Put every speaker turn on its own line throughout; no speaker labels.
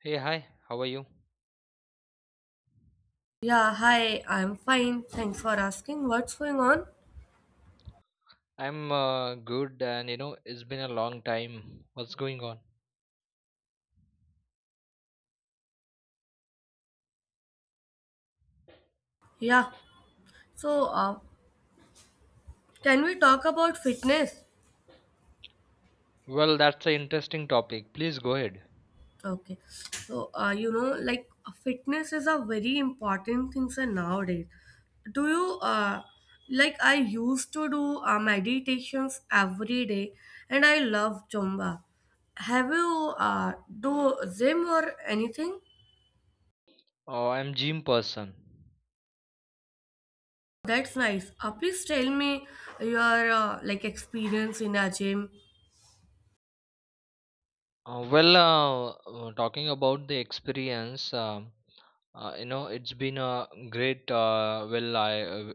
Hey, hi, how are you?
Yeah, hi, I'm fine. Thanks for asking. What's going on?
I'm good, and it's been a long time. What's going on?
Yeah, so can we talk about fitness?
Well, that's an interesting topic. Please go ahead.
Okay, so like fitness is a very important thing, sir, nowadays. Do you Like I used to do meditations every day, and I love Zumba. Have you Do gym or anything?
I'm gym person.
That's nice. Please tell me your like experience in a gym.
Well, talking about the experience, it's been a great. Well, uh,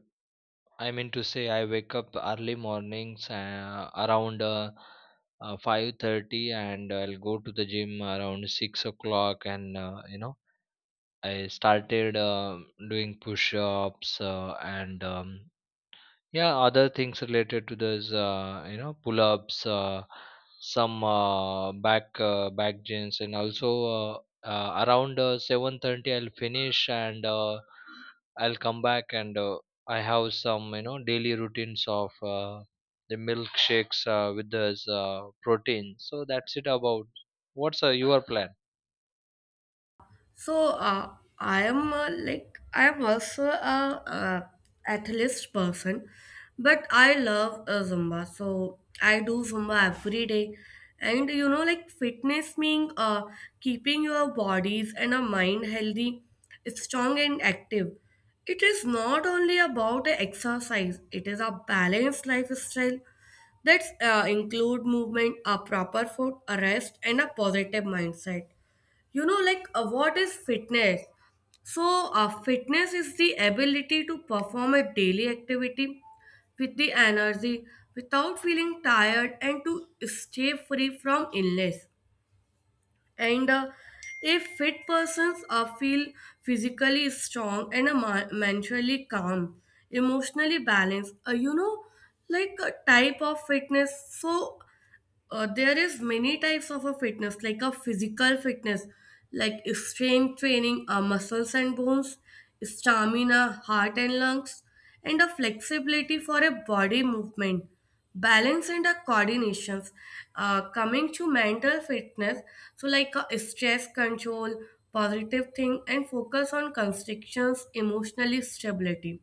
I mean to say, I wake up early mornings around 5:30, and I'll go to the gym around 6 o'clock, and I started doing push-ups and yeah, other things related to this, pull-ups, some back gins, and also uh, around 7:30 I'll finish and I'll come back and I have some daily routines of the milkshakes with this protein. So that's it about what's your plan?
So I am like I am also a, athlete person, but I love Zumba. So I do Zumba every day, and you know, like fitness means keeping your bodies and a mind healthy, strong and active. It is not only about the exercise; it is a balanced lifestyle that include movement, a proper food, a rest, and a positive mindset. You know, like what is fitness? So fitness is the ability to perform a daily activity with the energy without feeling tired, and to stay free from illness. And a fit persons feel physically strong and mentally calm, emotionally balanced. You know, like a type of fitness. So there is many types of a fitness, like a physical fitness, like strength training, muscles and bones, stamina, heart and lungs, and a flexibility for a body movement, balance and a coordinations. Coming to mental fitness, so like stress control, positive thing and focus on constrictions, emotionally stability.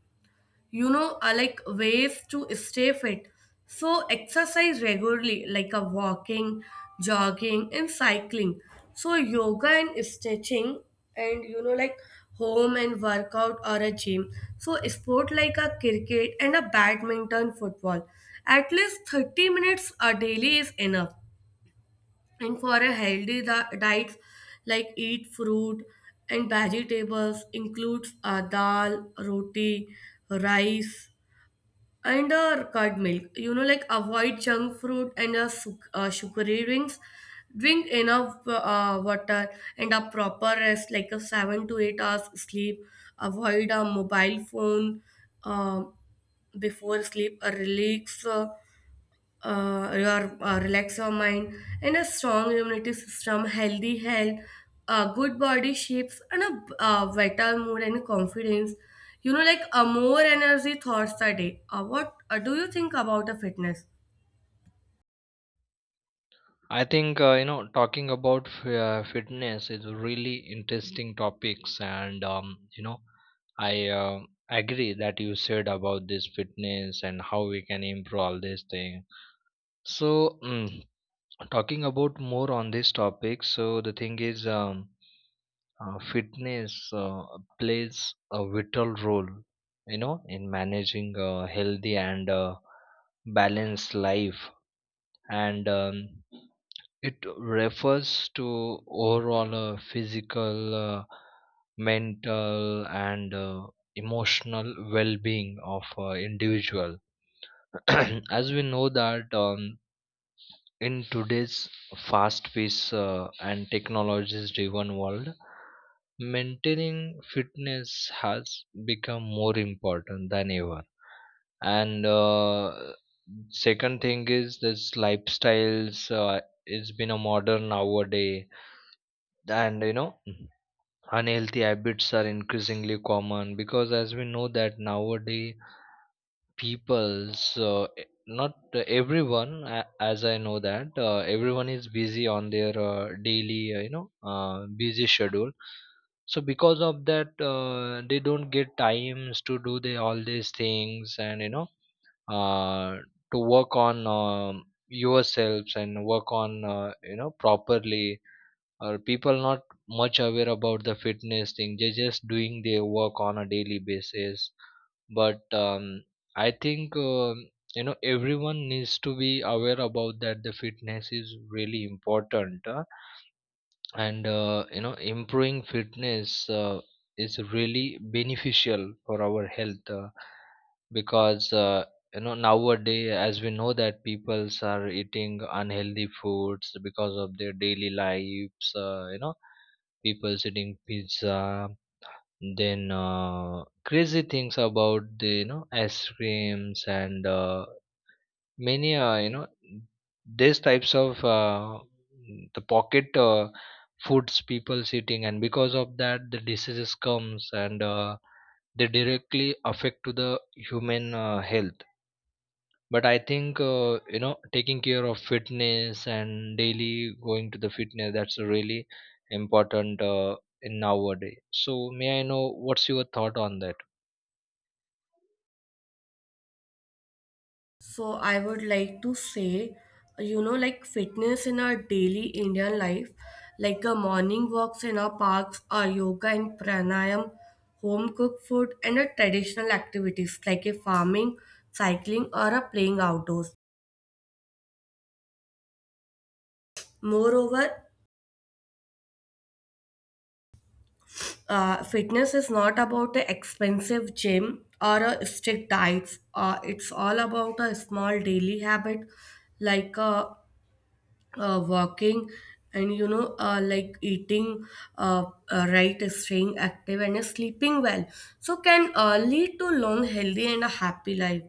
You know, like ways to stay fit. So exercise regularly like a walking, jogging and cycling, so yoga and stretching, and you know, like home and workout or a gym, so sport like a cricket and a badminton football, at least 30 minutes a daily is enough. And for a healthy diet, like eat fruit and vegetables, includes dal roti, rice and curd milk. You know, like avoid junk fruit and sugary drinks. Drink enough water and a proper rest, like a 7 to 8 hours sleep. Avoid a mobile phone uh, before sleep. Relax. Your, relax your mind and a strong immunity system, healthy health, good body shapes and a better mood and confidence. You know, like a more energy thoughts a day. What do you think about the fitness?
I think talking about fitness is a really interesting topics, and I agree that you said about this fitness and how we can improve all this thing. So talking about more on this topic, so the thing is fitness plays a vital role, in managing a healthy and balanced life and, it refers to overall physical, mental, and emotional well-being of individual. As we know that in today's fast paced and technologies driven world, maintaining fitness has become more important than ever. And second thing is this lifestyles, it's been a modern nowadays, and unhealthy habits are increasingly common, because as we know that nowadays people so not everyone. As I know that everyone is busy on their daily, uh, busy schedule. So because of that they don't get times to do all these things, and uh, to work on yourselves and work on properly, or people not much aware about the fitness thing. They just doing their work on a daily basis, but I think everyone needs to be aware about that the fitness is really important, huh? And improving fitness is really beneficial for our health, because nowadays, as we know that peoples are eating unhealthy foods because of their daily lives. People's eating pizza, then crazy things about the ice creams, and many these types of the pocket foods people eating. And because of that, the diseases comes, and they directly affect to the human health. But I think taking care of fitness and daily going to the fitness, that's really important in nowadays. So may I know what's your thought on that?
So I would like to say, you know, like fitness in our daily Indian life, like a morning walks in our parks, or yoga and pranayam, home cooked food, and a traditional activities like a farming, cycling, or a playing outdoors. Moreover, fitness is not about an expensive gym or a strict diets. It's all about a small daily habit, like walking, and you know, like eating, uh, right, staying active and sleeping well, so can lead to long healthy and a happy life.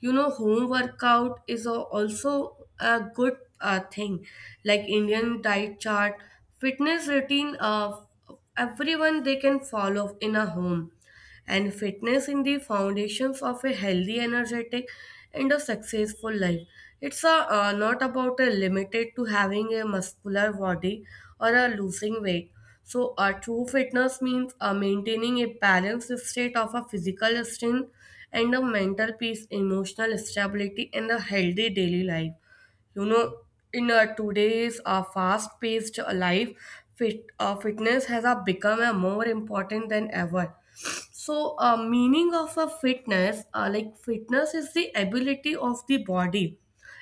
You know, home workout is also a good thing, like indian diet chart, fitness routine, everyone they can follow in a home. And fitness in the foundations of a healthy, energetic, and a successful life. It's a, not about a limited to having a muscular body or a losing weight. So, a true fitness means maintaining a balanced state of a physical strength and a mental peace, emotional stability, and a healthy daily life. You know, in today's fast paced life, fitness has become more important than ever. So meaning of a fitness, like fitness is the ability of the body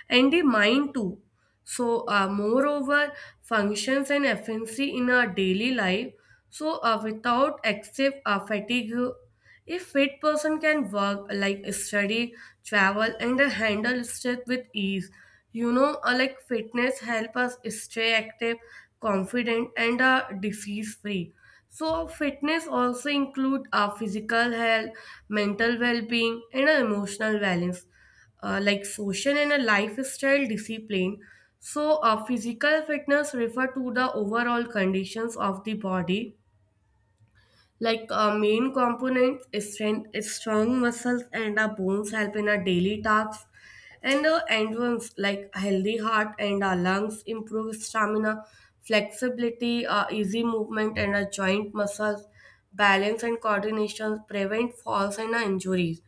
and the mind too. So, moreover, functions and efficiency in our daily life. So, without excessive fatigue, a fit person can work like study, travel, and handle stress with ease. You know, like fitness help us stay active, confident, and disease free. So, fitness also include physical health, mental well-being, and emotional balance, like social and a lifestyle discipline. So, physical fitness refer to the overall conditions of the body. Like main components, strength, strong muscles and our bones help in our daily tasks, and the end ones like healthy heart and our lungs improve stamina, flexibility, easy movement and our joint muscles, balance and coordination prevent falls and injuries.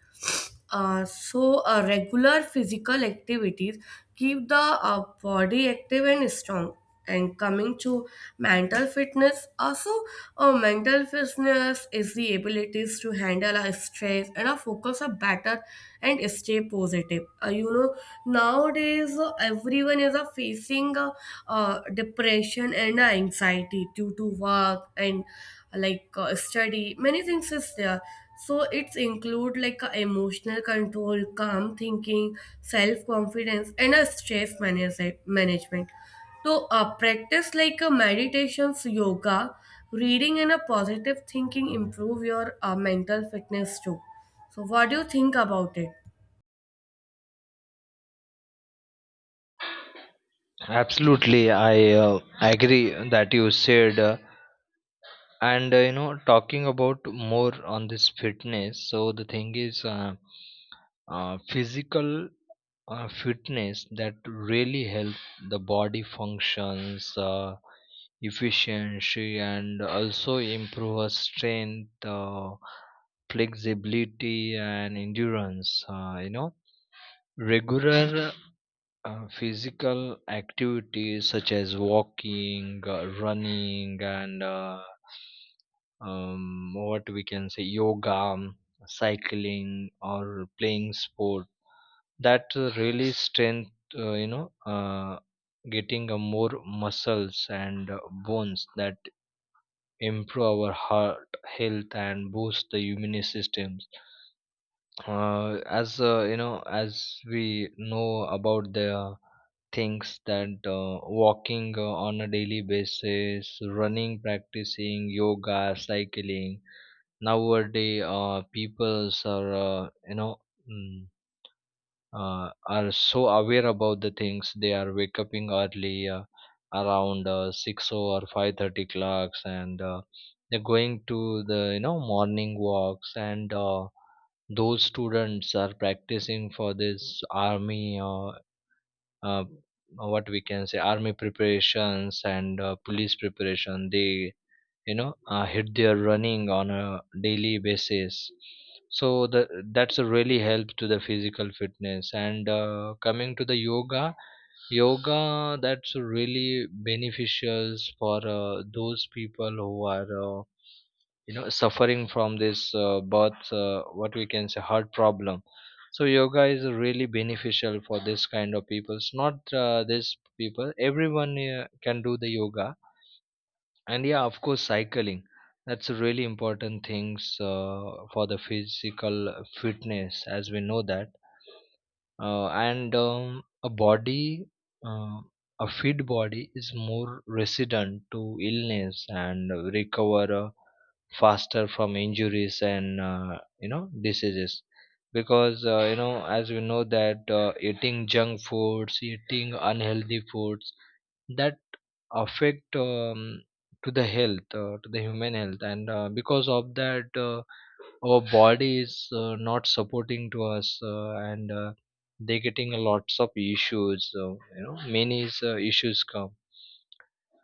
So, regular physical activities keep the body active and strong. And coming to mental fitness, also, mental fitness is the abilities to handle our stress and our focus are better and stay positive. You know, nowadays everyone is facing depression and anxiety due to work and like study. Many things is there, so it's include like a emotional control, calm thinking, self confidence, and a stress management. So practice like a meditations, yoga, reading, and a positive thinking improve your mental fitness too. So what do you think about it?
Absolutely, I agree that you said. And talking about more on this fitness, so the thing is, physical fitness that really help the body functions, efficiency, and also improve our strength, flexibility, and endurance. Regular physical activities such as walking, running, and what we can say yoga, cycling or playing sport that really strength uh, you know uh, getting a more muscles and bones, that improve our heart health and boost the immune systems. As as we know about the things, that walking on a daily basis, running, practicing yoga, cycling nowadays, peoples are, mm, are so aware about the things. They are wake up in early, around 6 or 5:30 clocks, and they're going to the morning walks, and those students are practicing for this army, uh, what we can say army preparations and police preparation. They hit their running on a daily basis. So that's a really help to the physical fitness. And coming to the yoga, that's really beneficial for those people who are suffering from this birth, what we can say heart problem. So yoga is really beneficial for this kind of people, it's not this people, everyone can do the yoga. And yeah, of course cycling, that's a really important things for the physical fitness, as we know that. And a body, uh, a fit body is more resilient to illness and recover faster from injuries and diseases. Because as we know that eating junk foods, eating unhealthy foods, that affect to the health, to the human health. And because of that our body is not supporting to us, and they getting a lots of issues, many is, issues come.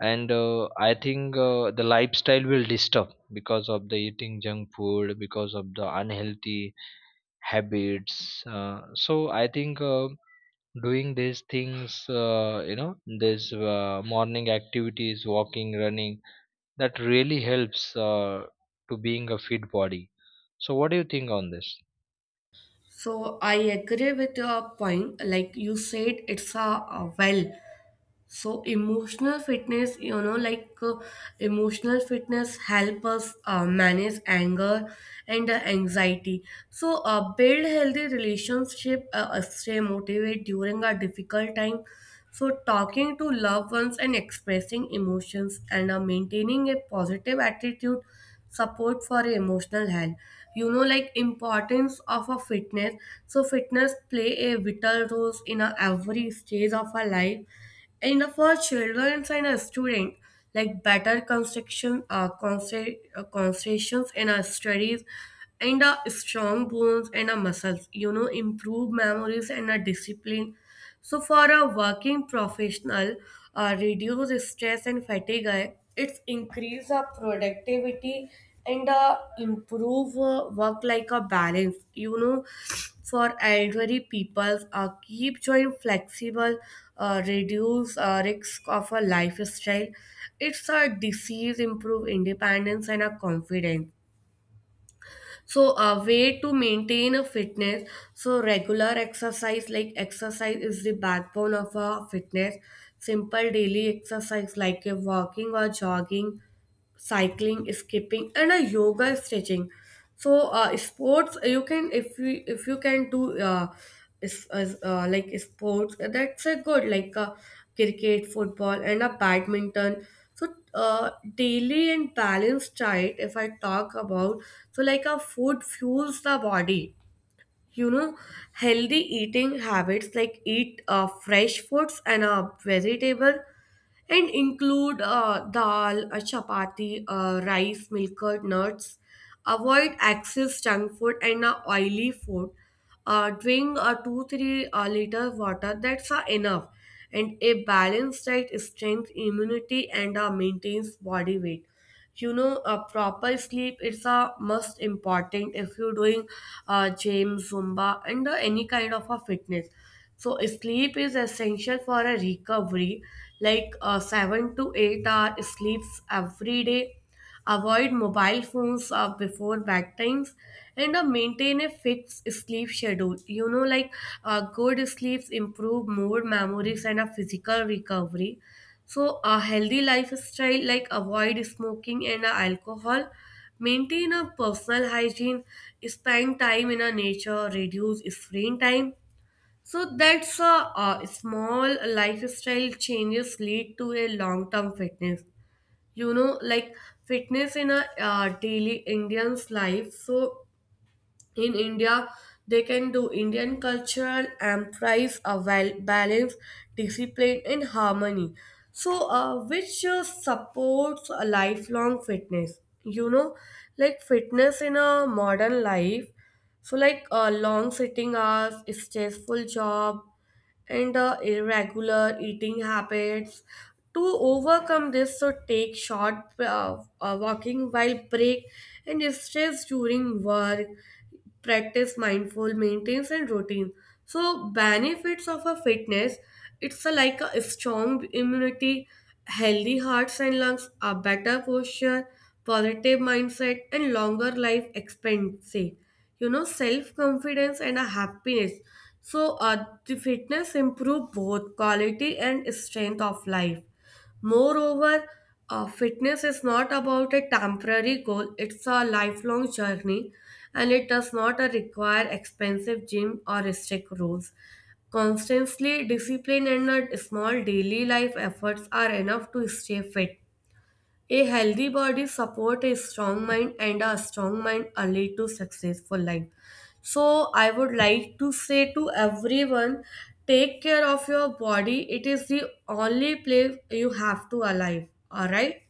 And I think the lifestyle will disturb because of the eating junk food, because of the unhealthy habits. So I think doing these things, these morning activities, walking, running, that really helps uh, to being a fit body. So what do you think on this?
So I agree with your point. Like you said, it's a well, so emotional fitness, you know, like emotional fitness help us manage anger and anxiety. So build healthy relationship, stay motivated during a difficult time. So talking to loved ones and expressing emotions and maintaining a positive attitude support for emotional health. You know, like importance of a fitness, so fitness play a vital role in every stage of our life. And for children and a student, like better construction, concentrations in our studies, and strong bones and muscles. You know, improve memories and discipline. So for a working professional, reduce stress and fatigue. It's increase our productivity and improve work like a balance. You know, for elderly people, keep joint flexible, reduce risk of a lifestyle, it's a disease improve independence and a confidence. So a way to maintain a fitness, so regular exercise, like exercise is the backbone of a fitness, simple daily exercise like a walking or jogging, cycling, skipping, and a yoga stretching. So sports, you can, if you can do like sports, that's a good, like cricket, football, and a badminton. So daily and balanced diet. If I talk about, so like a food fuels the body. You know, healthy eating habits like eat fresh foods and a vegetable and include dal, chapati, rice, milker, nuts. Avoid excess junk food and oily food. Drink 2 3 liter water, that's enough. And a balanced diet strengthens immunity and maintains body weight. You know, a proper sleep is a must important if you're doing gym, zumba and any kind of a fitness. So sleep is essential for a recovery, like 7 to 8 hour sleeps every day. Avoid mobile phones before bedtimes and maintain a fixed sleep schedule. You know, like good sleeps improve mood memories and a physical recovery. So a healthy lifestyle, like avoid smoking and alcohol, maintain a personal hygiene, spend time in a nature, reduce screen time. So that's a, small lifestyle changes lead to a long term fitness. You know, like fitness in a daily indian's life, so in India, they can do Indian cultural and thrive a well balance, discipline, and harmony. So, which supports a lifelong fitness. You know, like fitness in a modern life. So, like long sitting hours, stressful job, and irregular eating habits. To overcome this, so take short walking while break and stress during work, practice mindful maintenance and routine. So benefits of a fitness, it's a, like a strong immunity, healthy hearts and lungs, a better posture, positive mindset and longer life expectancy. You know, self confidence and a happiness. So the fitness improve both quality and strength of life. Moreover, fitness is not about a temporary goal, it's a lifelong journey, and it does not require expensive gym or strict rules. Constantly discipline and small daily life efforts are enough to stay fit. A healthy body support a strong mind and a strong mind a lead to successful life. So I would like to say to everyone, take care of your body. It is the only place you have to alive. Alright?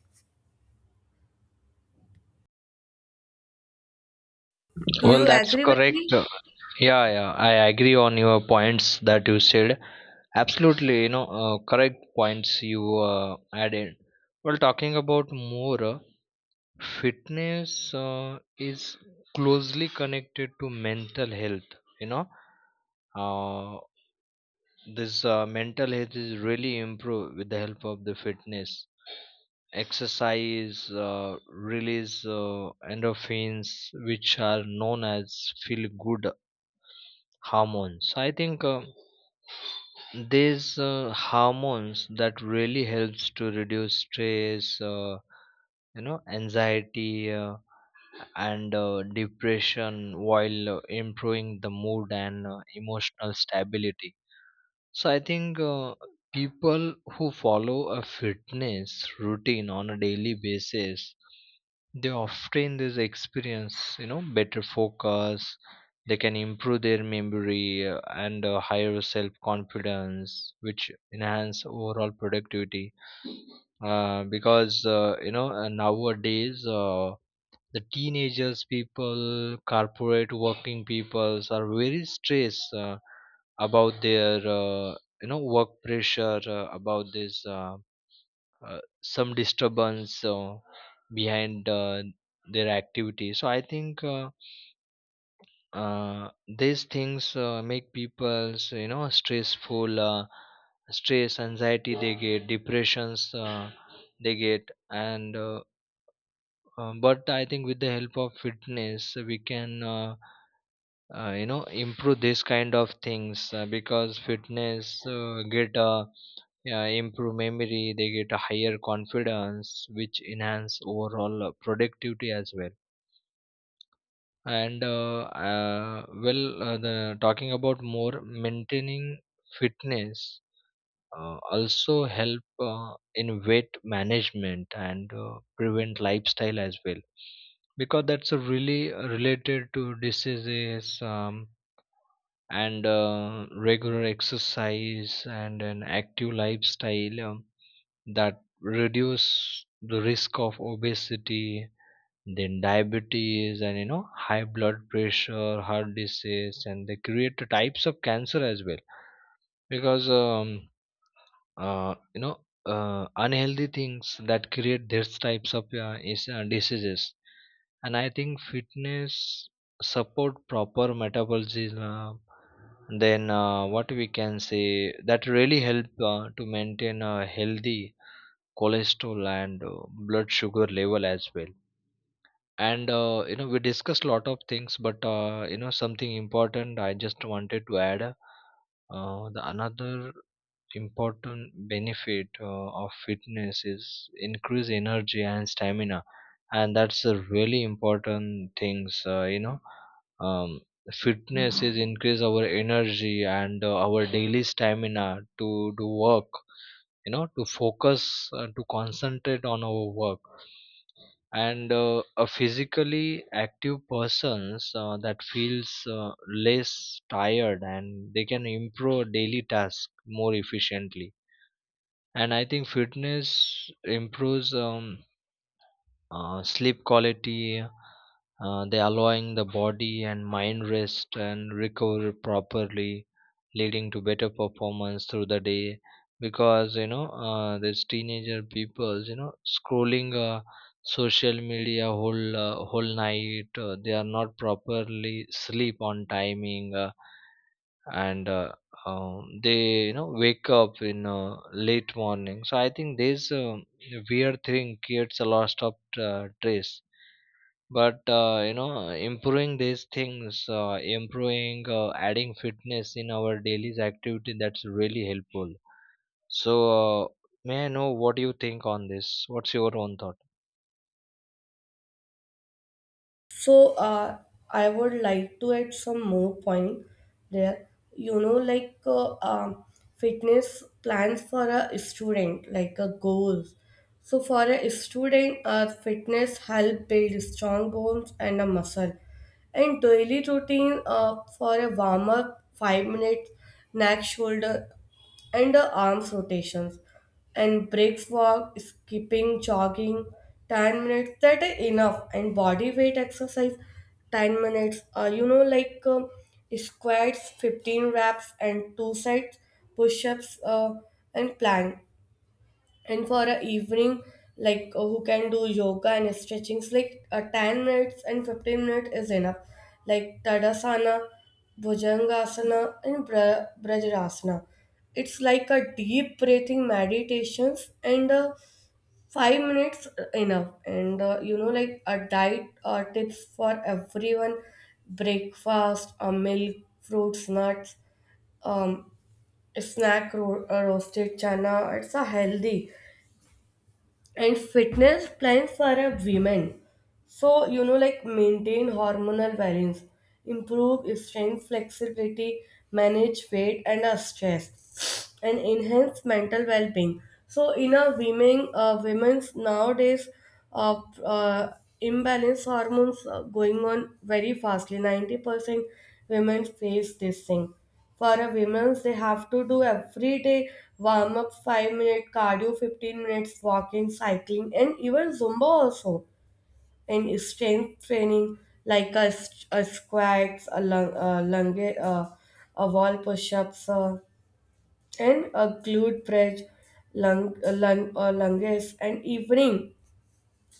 Do
Well,
you
that's
agree with
correct.
me?
Yeah, yeah, I agree on your points that you said. Absolutely, correct points you uh, added. Well, talking about more, fitness uh, is closely connected to mental health. you know uh, this mental health is really improved with the help of the fitness exercise. Release endorphins which are known as feel good hormones. I think these hormones that really helps to reduce stress, anxiety, and depression while improving the mood and emotional stability. So I think people who follow a fitness routine on a daily basis, they often this experience better focus, they can improve their memory, and higher self confidence which enhance overall productivity. Because nowadays the teenagers people, corporate working peoples are very stressed about their work pressure, about this some disturbance behind their activity. So I think uh, these things make people so, stressful, stress anxiety, they get depressions, they get. And but I think with the help of fitness we can improve this kind of things. Because fitness get improve memory, they get a higher confidence which enhance overall productivity as well. And well, the talking about more maintaining fitness also help in weight management and prevent lifestyle as well, because that's a really related to diseases. And regular exercise and an active lifestyle, that reduce the risk of obesity, then diabetes and high blood pressure, heart disease, and they create the types of cancer as well. Because uh, you know unhealthy things that create these types of diseases. And I think fitness support proper metabolism. Then what we can say, that really help to maintain a healthy cholesterol and blood sugar level as well. And we discussed a lot of things, but something important I just wanted to add. The another important benefit of fitness is increase energy and stamina, and that's a really important things. Um, Fitness is increase our energy and our daily stamina to do work, to focus, to concentrate on our work. And a physically active persons that feels less tired, and they can improve daily tasks more efficiently. And I think fitness improves sleep quality, they allowing the body and mind rest and recover properly, leading to better performance through the day. Because these teenager peoples, scrolling social media whole night, they are not properly sleep on timing. And they wake up in late morning. So I think this, weird thing creates a lot of stress. But improving these things, improving, adding fitness in our daily activity, that's really helpful. So may I know what you think on this, what's your own thought?
So I would like to add some more point there. You know, like fitness plans for a student, like a goals. So for a student, fitness help build strong bones and a muscle. And daily routine for a warm up, 5 minutes, neck, shoulder and the arms rotations and breaks walk skipping jogging 10 minutes, that is enough. And body weight exercise 10 minutes, squats 15 reps and two sets, push-ups, and plank. And for a evening, who can do yoga and stretchings 10 minutes and 15 minutes is enough, like tadasana, bhujangasana, and vajrasana. It's like a deep breathing meditations and 5 minutes enough. And like a diet or tips for everyone: breakfast, milk, fruits, nuts, um snack, roasted chana, it's a healthy. And fitness plans for a women, so you know, like maintain hormonal balance, improve strength, flexibility, manage weight and stress, and enhance mental well-being. So in a women, women's nowadays, uh, uh, imbalance hormones are going on very fastly. 90% women face this thing. For a women's, they have to do every day warm up, 5 minute cardio, 15 minutes walking, cycling, and even Zumba also. And strength training like a, a squats, a lunge, a wall push-ups, and a glute bridge, lunges, and evening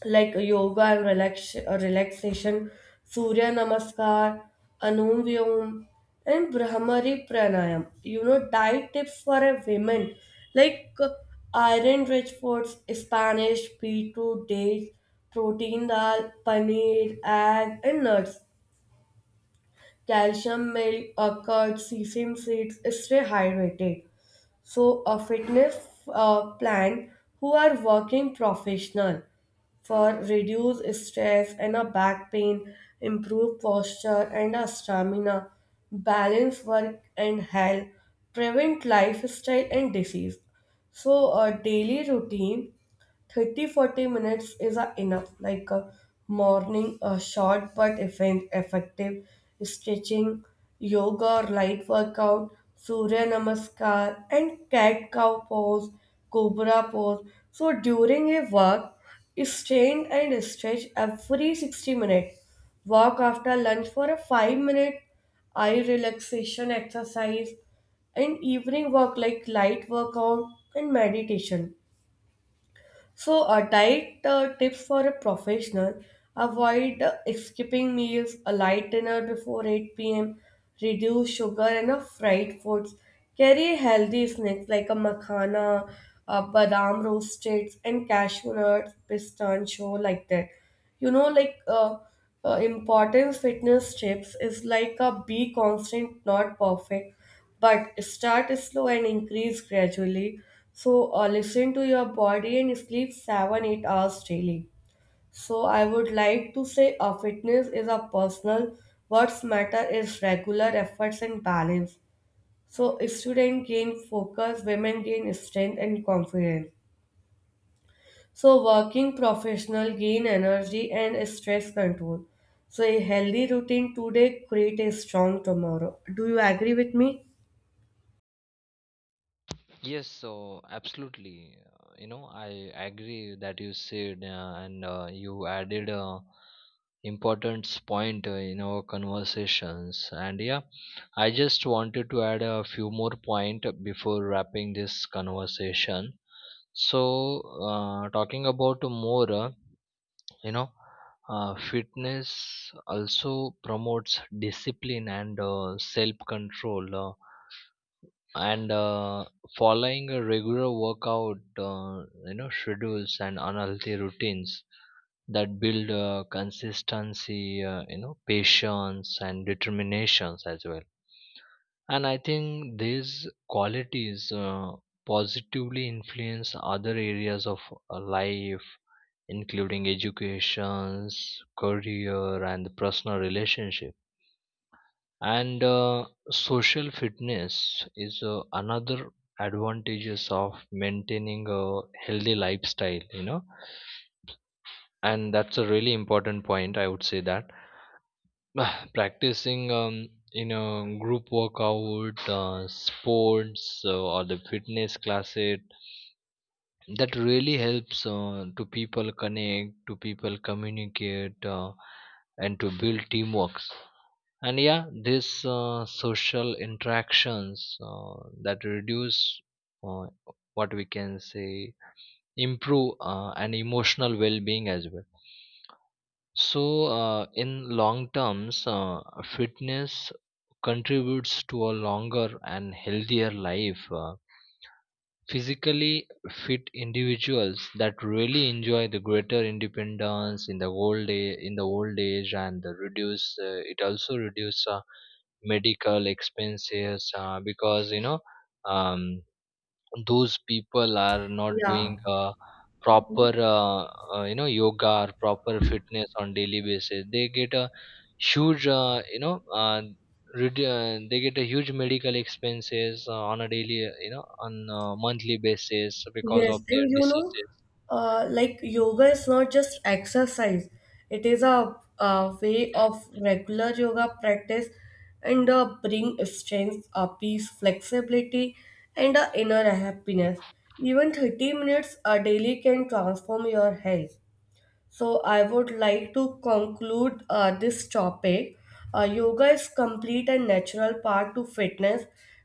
like yoga and relaxation, Surya Namaskar, Anum Vyom, and Brahmari Pranayam. You know, diet tips for a women, like uh, iron rich foods, Spanish, beetroot, dates, protein, dal, paneer, egg, and nuts. Calcium milk, curd, sesame seeds, stay hydrated. So a fitness plan, who are working professional, for reduce stress and a back pain, improve posture and a stamina, balance work and health, prevent lifestyle and disease. So a daily routine, 30 40 minutes is enough, like a morning, a short but effective stretching, yoga or light workout, Surya Namaskar, and cat cow pose, cobra pose. So during a walk, strain and stretch every 60 minutes. Walk after lunch for a 5-minute eye relaxation exercise, and evening walk like light workout and meditation. So, a diet tips for a professional: avoid skipping meals, a light dinner before 8 p.m., reduce sugar and fried foods. Carry healthy snacks like a makhana, badam roasted, and cashew nuts, pistachio, like that. You know, like uh, Important fitness tips is like a be constant, not perfect, but start slow and increase gradually. So, listen to your body and sleep 7 8 hours daily. So, I would like to say a fitness is a personal, what's matter is regular efforts and balance. So, student gain focus, women gain strength and confidence. So, working professional gain energy and stress control. So, a healthy routine today create a strong tomorrow. Do you agree with me?
Yes, so absolutely. I agree that you said, and you added a important point in our conversations. And yeah, I just wanted to add a few more point before wrapping this conversation. So, talking about more, you know, fitness also promotes discipline and self-control. And following a regular workout schedules and unhealthy routines that build consistency, patience and determinations as well. And I think these qualities positively influence other areas of life, including educations, career, and personal relationships. And social fitness is another advantages of maintaining a healthy lifestyle, and that's a really important point I would say that. Practicing group workout, sports, or the fitness classes, that really helps to people connect to people communicate, and to build teamwork. And yeah, these social interactions that reduce, uh, what we can say, improve an emotional well-being as well. So in long terms, fitness contributes to a longer and healthier life. Physically fit individuals, that really enjoy the greater independence in the old day, in the old age, and the reduce, it also reduce medical expenses, because um, those people are not
Yeah.
doing proper, yoga or proper fitness on daily basis, they get a huge, they get a huge medical expenses on a daily, on a monthly basis, because
Yes,
of their
and you know,
diseases.
like yoga is not just exercise, it is a way of regular yoga practice and bring strength, peace, flexibility, and inner happiness. Even 30 minutes a daily can transform your health. So, I would like to conclude this topic. Yoga is complete and natural part to fitness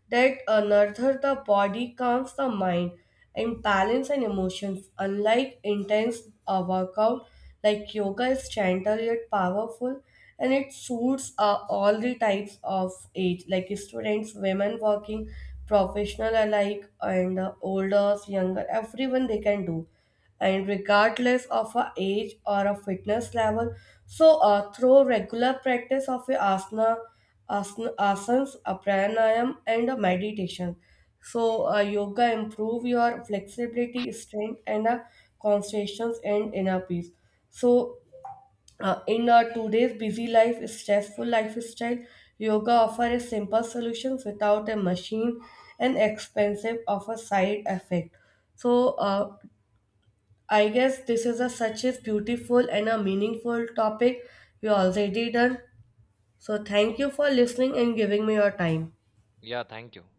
that nurtures the body, calms the mind, and balance and emotions. Unlike intense workout, like yoga is gentle yet powerful, and it suits all the types of age, like students, women working, professional alike, and older, younger, everyone they can do, and regardless of our age or our fitness level. So, through regular practice of a asana, asanas, a pranayam, and a meditation, so yoga improve your flexibility, strength, and concentration and inner peace. So, in our today's busy life, stressful lifestyle, yoga offers simple solutions without a machine and expensive of a side effect. So, I guess this is a such a beautiful and a meaningful topic we already done. So thank you for listening and giving me your time.
Yeah, thank you.